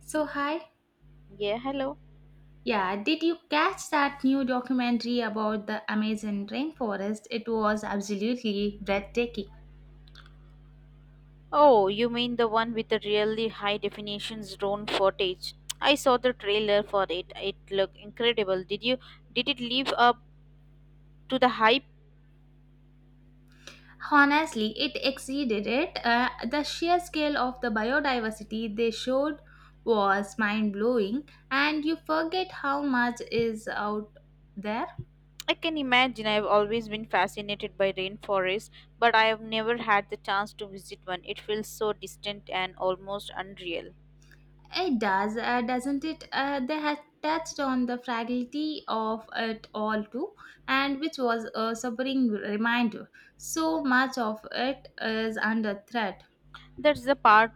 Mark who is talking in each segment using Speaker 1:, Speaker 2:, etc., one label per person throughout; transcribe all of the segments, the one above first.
Speaker 1: So, hi.
Speaker 2: Yeah, hello.
Speaker 1: Yeah, did you catch that new documentary about the Amazon rainforest? It was absolutely breathtaking.
Speaker 2: Oh, you mean the one with the really high definition drone footage? I saw the trailer for it. It looked incredible. Did it live up to the hype?
Speaker 1: Honestly, it exceeded it. The sheer scale of the biodiversity they showed was mind blowing, and you forget how much is out there.
Speaker 2: I can imagine. I've always been fascinated by rainforests, but I have never had the chance to visit one. It feels so distant and almost unreal.
Speaker 1: It does, doesn't it? They had touched on the fragility of it all too, and which was a sobering reminder. So much of it is under threat.
Speaker 2: That's the part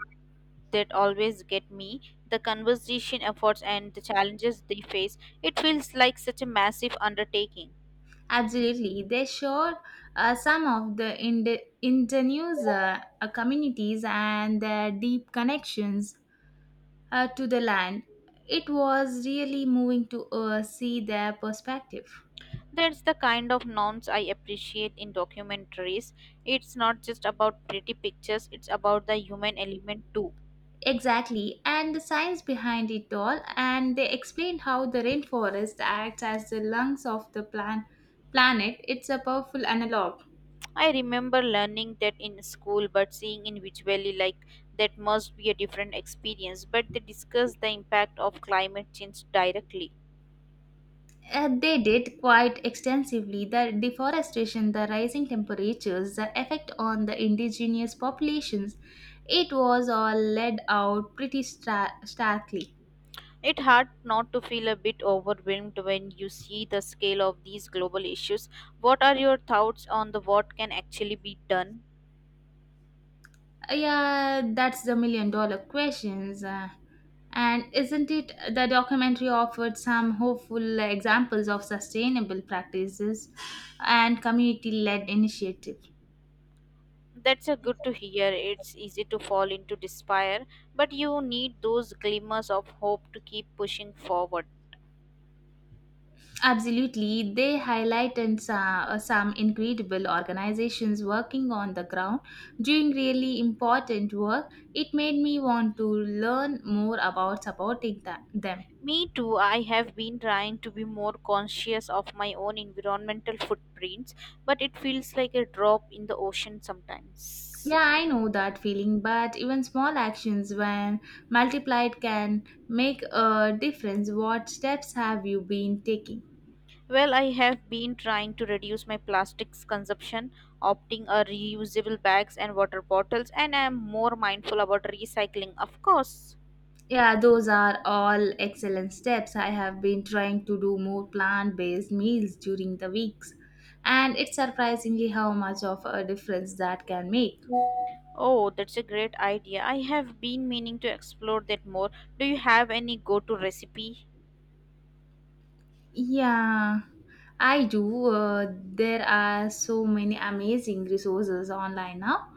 Speaker 2: that always get me. The conservation efforts and the challenges they face. It feels like such a massive undertaking.
Speaker 1: Absolutely, they showed some of the indigenous communities and their deep connections to the land. It was really moving to see their perspective.
Speaker 2: That's the kind of norms I appreciate in documentaries. It's not just about pretty pictures, it's about the human element too.
Speaker 1: Exactly, and the science behind it all, and they explained how the rainforest acts as the lungs of the planet. It's a powerful analog.
Speaker 2: I remember learning that in school, but seeing it visually, like that must be a different experience. But they discuss the impact of climate change directly.
Speaker 1: They did quite extensively the deforestation, the rising temperatures, the effect on the indigenous populations. It was all laid out pretty starkly.
Speaker 2: It's hard not to feel a bit overwhelmed when you see the scale of these global issues. What are your thoughts on the what can actually be done?
Speaker 1: Yeah, that's the million dollar questions. And isn't it the documentary offered some hopeful examples of sustainable practices and community led initiatives?
Speaker 2: That's a good to hear. It's easy to fall into despair, but you need those glimmers of hope to keep pushing forward.
Speaker 1: Absolutely. They highlighted some incredible organizations working on the ground doing really important work. It made me want to learn more about supporting them.
Speaker 2: Me too, I have been trying to be more conscious of my own environmental footprints, but it feels like a drop in the ocean
Speaker 1: Yeah,
Speaker 2: sometimes.
Speaker 1: I know that feeling, but even small actions, when multiplied, can make a difference. What steps have you been taking?
Speaker 2: Well, I have been trying to reduce my plastics consumption, opting a reusable bags and water bottles, and I am more mindful about recycling, of course.
Speaker 1: Yeah, those are all excellent steps. I have been trying to do more plant based meals during the weeks, and it's surprisingly how much of a difference that can make.
Speaker 2: Oh, that's a great idea. I have been meaning to explore that more. Do you have any go to recipe?
Speaker 1: Yeah. I do. There are so many amazing resources online now.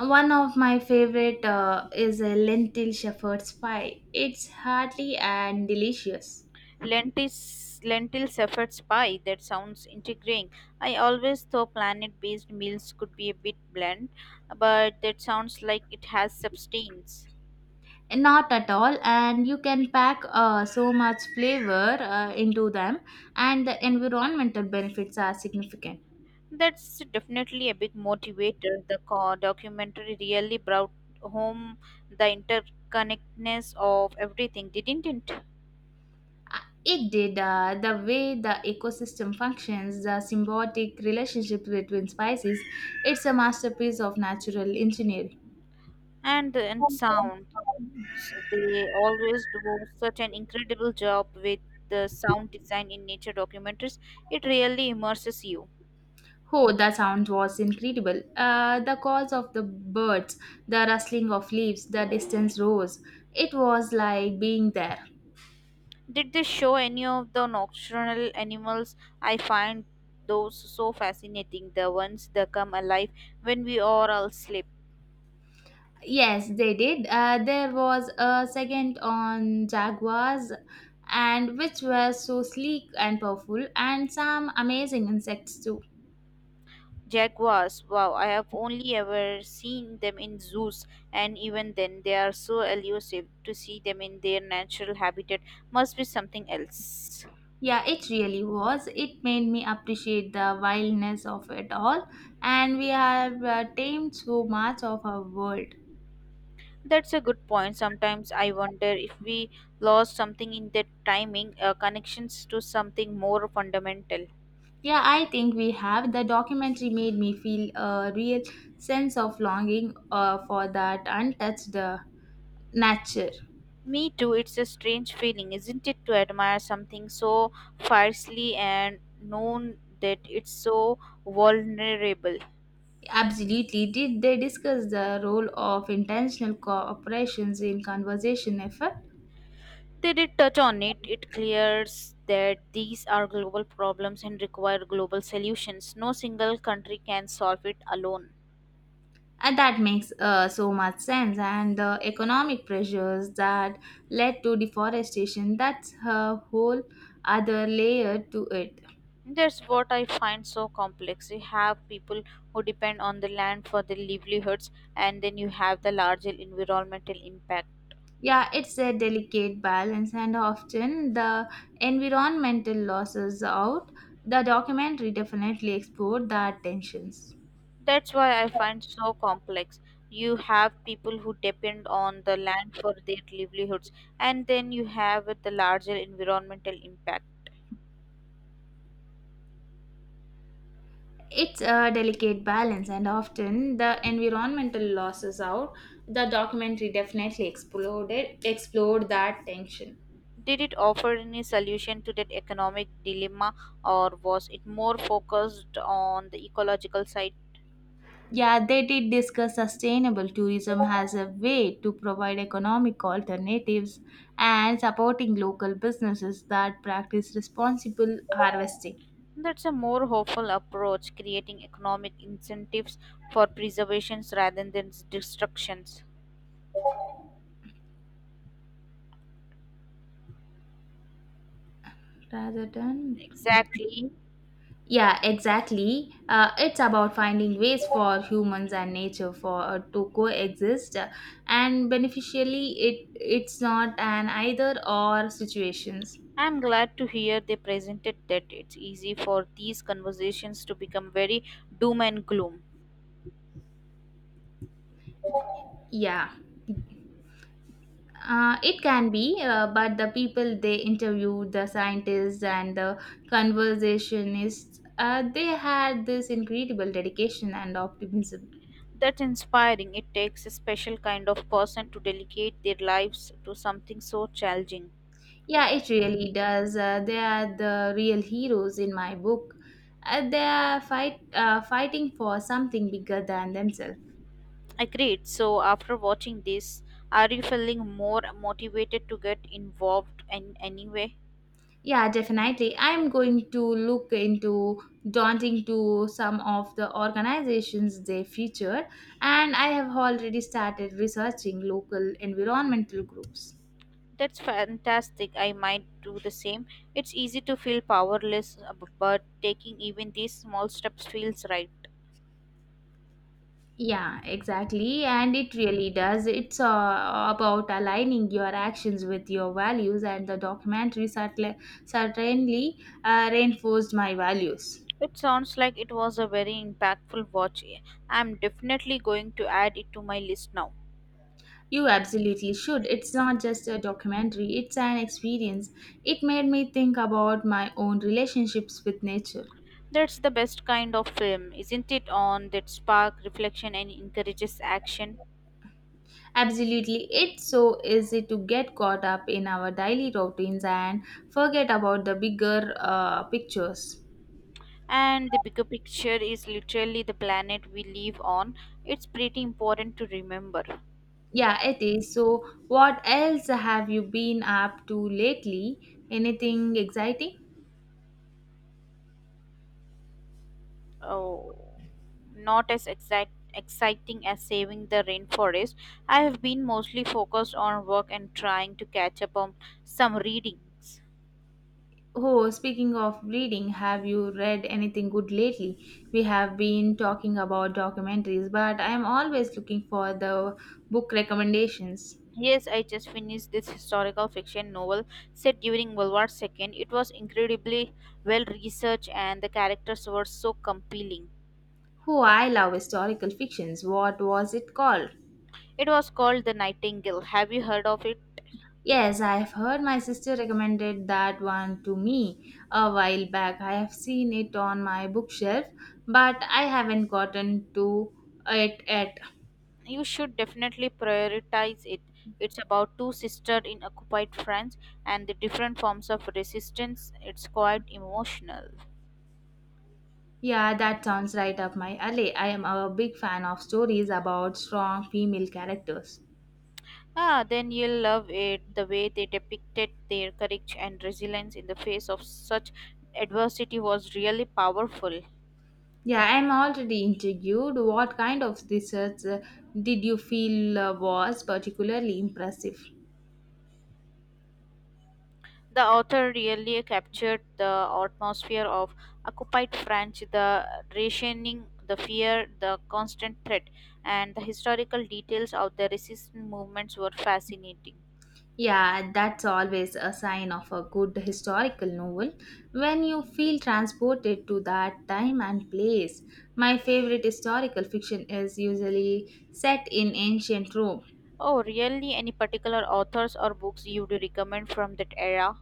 Speaker 1: One of my favorite is a lentil shepherd's pie. It's hearty and delicious.
Speaker 2: Lentils, lentil shepherd's pie. That sounds intriguing. I always thought planet based meals could be a bit bland, but that sounds like it has substance.
Speaker 1: Not at all, and you can pack so much flavor into them, and the environmental benefits are significant.
Speaker 2: That's definitely a big motivator. The documentary really brought home the interconnectedness of everything, didn't it?
Speaker 1: It did, the way the ecosystem functions, the symbiotic relationship between species. It's a masterpiece of natural engineering.
Speaker 2: And the and sound. They always do such an incredible job with the sound design in nature documentaries. It really immerses you.
Speaker 1: Oh, the sound was incredible. The calls of the birds, the rustling of leaves, the distant roars. It was like being there.
Speaker 2: Did they show any of the nocturnal animals? I find those so fascinating, the ones that come alive when we are all asleep.
Speaker 1: Yes, they did. There was a second on jaguars, and which were so sleek and powerful, and some amazing insects too.
Speaker 2: Jaguars, wow, I have only ever seen them in zoos, and even then, they are so elusive. To see them in their natural habitat must be something else.
Speaker 1: Yeah, it really was. It made me appreciate the wildness of it all, and we have tamed so much of our world.
Speaker 2: That's a good point. Sometimes I wonder if we lost something in that timing, connections to something more fundamental.
Speaker 1: Yeah, I think we have. The documentary made me feel a real sense of longing for that untouched nature.
Speaker 2: Me too, it's a strange feeling, isn't it, to admire something so fiercely and known that it's so vulnerable.
Speaker 1: Absolutely. Did they discuss the role of intentional corporations in conservation effort?
Speaker 2: They did touch on it. It clears that these are global problems and require global solutions. No single country can solve it alone.
Speaker 1: And that makes so much sense. And the economic pressures that led to deforestation, that's a whole other layer to it.
Speaker 2: That's what I find so complex. You have people who depend on the land for their livelihoods, and then you have the larger environmental impact.
Speaker 1: Yeah, it's a delicate balance, and often the environmental losses out. The documentary definitely explored that tensions.
Speaker 2: That's why I find so complex. You have people who depend on the land for their livelihoods, and then you have the larger environmental impact.
Speaker 1: It's a delicate balance, and often the environmental losses out. The documentary definitely exploded explored that tension.
Speaker 2: Did it offer any solution to that economic dilemma, or was it more focused on the ecological side?
Speaker 1: Yeah, they did discuss sustainable tourism as a way to provide economic alternatives and supporting local businesses that practice responsible harvesting.
Speaker 2: That's a more hopeful approach, creating economic incentives for preservations rather than destructions.
Speaker 1: Rather than,
Speaker 2: Exactly.
Speaker 1: yeah, exactly, it's about finding ways for humans and nature for to coexist and beneficially. It's not an either or situations.
Speaker 2: I'm glad to hear they presented that it's easy for these conversations to become very doom and gloom.
Speaker 1: Yeah, it can be, but the people they interviewed, the scientists and the conversationists, they had this incredible dedication and optimism.
Speaker 2: That's inspiring. It takes a special kind of person to dedicate their lives to something so challenging.
Speaker 1: Yeah, it really does. They are the real heroes in my book. They are fighting for something bigger than themselves.
Speaker 2: Agreed. So, after watching this, are you feeling more motivated to get involved in any way?
Speaker 1: Yeah, definitely. I'm going to look into daunting to some of the organizations they feature, and I have already started researching local environmental groups.
Speaker 2: That's fantastic. I might do the same. It's easy to feel powerless, but taking even these small steps feels right.
Speaker 1: Yeah, exactly. And it really does. It's about aligning your actions with your values, and the documentary certainly reinforced my values.
Speaker 2: It sounds like it was a very impactful watch. I'm definitely going to add it to my list now.
Speaker 1: You absolutely should. It's not just a documentary, it's an experience. It made me think about my own relationships with nature.
Speaker 2: That's the best kind of film, isn't it? On that spark reflection and encourages action.
Speaker 1: Absolutely, it's so easy to get caught up in our daily routines and forget about the bigger pictures.
Speaker 2: And the bigger picture is literally the planet we live on. It's pretty important to remember.
Speaker 1: Yeah, it is. So, what else have you been up to lately? Anything exciting?
Speaker 2: Oh, not as exact exciting as saving the rainforest. I have been mostly focused on work and trying to catch up on some readings.
Speaker 1: Oh, speaking of reading, have you read anything good lately? We have been talking about documentaries, but I'm always looking for the book recommendations.
Speaker 2: Yes, I just finished this historical fiction novel set during World War II. It was incredibly well researched and the characters were so compelling.
Speaker 1: Oh, I love historical fictions. What was it called?
Speaker 2: It was called The Nightingale. Have you heard of it?
Speaker 1: Yes, I've heard my sister recommended that one to me a while back. I have seen it on my bookshelf, but I haven't gotten to it yet.
Speaker 2: You should definitely prioritize it. It's about two sisters in occupied France and the different forms of resistance. It's quite emotional.
Speaker 1: Yeah, that sounds right up my alley. I am a big fan of stories about strong female characters.
Speaker 2: Ah, then you'll love it the way they depicted their courage and resilience in the face of such adversity was really powerful.
Speaker 1: Yeah, I'm already intrigued. What kind of research did you feel was particularly impressive?
Speaker 2: The author really captured the atmosphere of occupied France, the rationing, the fear, the constant threat, and the historical details of the resistance movements were fascinating.
Speaker 1: Yeah, that's always a sign of a good historical novel when you feel transported to that time and place. My favorite historical fiction is usually set in ancient Rome.
Speaker 2: Oh, really? Any particular authors or books you would recommend from that era?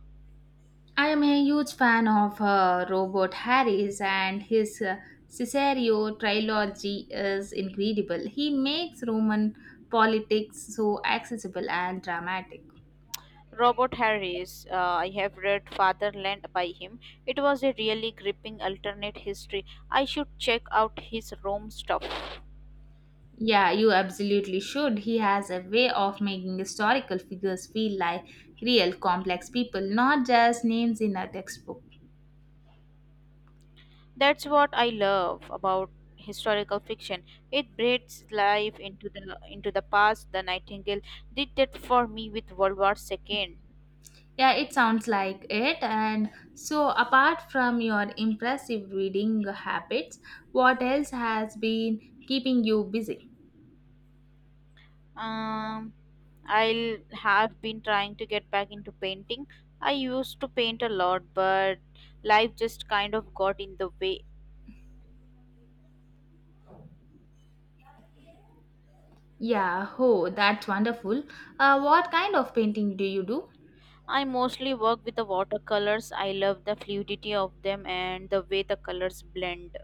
Speaker 1: I am a huge fan of Robert Harris, and his Caesario trilogy is incredible. He makes Roman politics so accessible and dramatic.
Speaker 2: Robert Harris, I have read Fatherland by him. It was a really gripping alternate history. I should check out his Rome stuff.
Speaker 1: Yeah, you absolutely should. He has a way of making historical figures feel like real complex people, not just names in a textbook.
Speaker 2: That's what I love about historical fiction. It breathes life into the past. The Nightingale did that for me with World War II.
Speaker 1: Yeah, it sounds like it. And so, apart from your impressive reading habits, what else has been keeping you busy?
Speaker 2: um I'll have been trying to get back into painting. I used to paint a lot, but life just kind of got in the way.
Speaker 1: Yeah, oh, that's wonderful. What kind of painting do you do?
Speaker 2: I mostly work with the watercolors. I love the fluidity of them and the way the colors blend.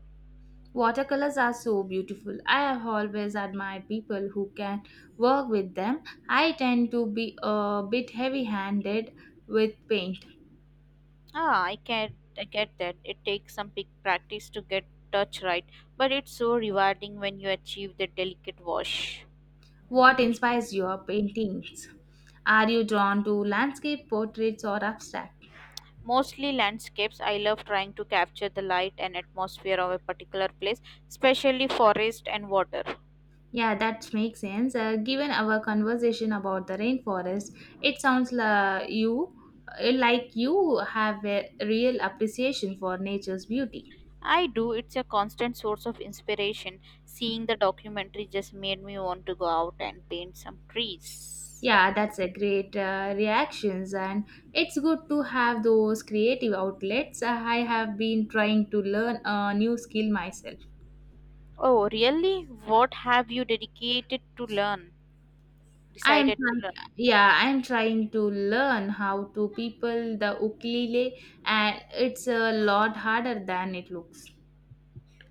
Speaker 1: Watercolors are so beautiful. I have always admired people who can work with them. I tend to be a bit heavy handed with paint.
Speaker 2: Ah, I get that it takes some big practice to get touch right, but it's so rewarding when you achieve the delicate wash.
Speaker 1: What inspires your paintings? Are you drawn to landscape portraits or abstract?
Speaker 2: Mostly landscapes, I love trying to capture the light and atmosphere of a particular place, especially forest and water.
Speaker 1: Yeah, that makes sense. Given our conversation about the rainforest, it sounds like like you have a real appreciation for nature's beauty.
Speaker 2: I do, it's a constant source of inspiration. Seeing the documentary just made me want to go out and paint some trees.
Speaker 1: Yeah, that's a great reactions, and it's good to have those creative outlets. I have been trying to learn a new skill myself.
Speaker 2: Oh, really? What have you dedicated to learn?
Speaker 1: I am
Speaker 2: Decided to
Speaker 1: trying,
Speaker 2: learn?
Speaker 1: yeah, I am trying to learn how to people the ukulele, and it's a lot harder than it looks.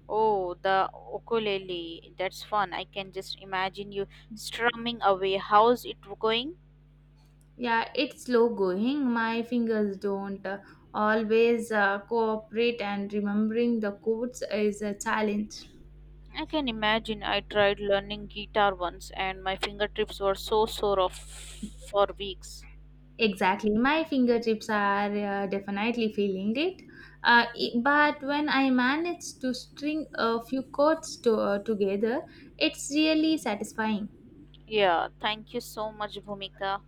Speaker 2: Oh, the ukulele. That's fun. I can just imagine you strumming away. How's it going?
Speaker 1: Yeah, it's slow going. My fingers don't always cooperate, and remembering the chords is a challenge.
Speaker 2: I can imagine I tried learning guitar once and my fingertips were so sore of for weeks.
Speaker 1: Exactly. My fingertips are definitely feeling it. But when I manage to string a few chords together, it's really satisfying.
Speaker 2: Yeah, thank you so much, Bhumika.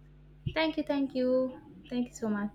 Speaker 1: Thank you. Thank you so much.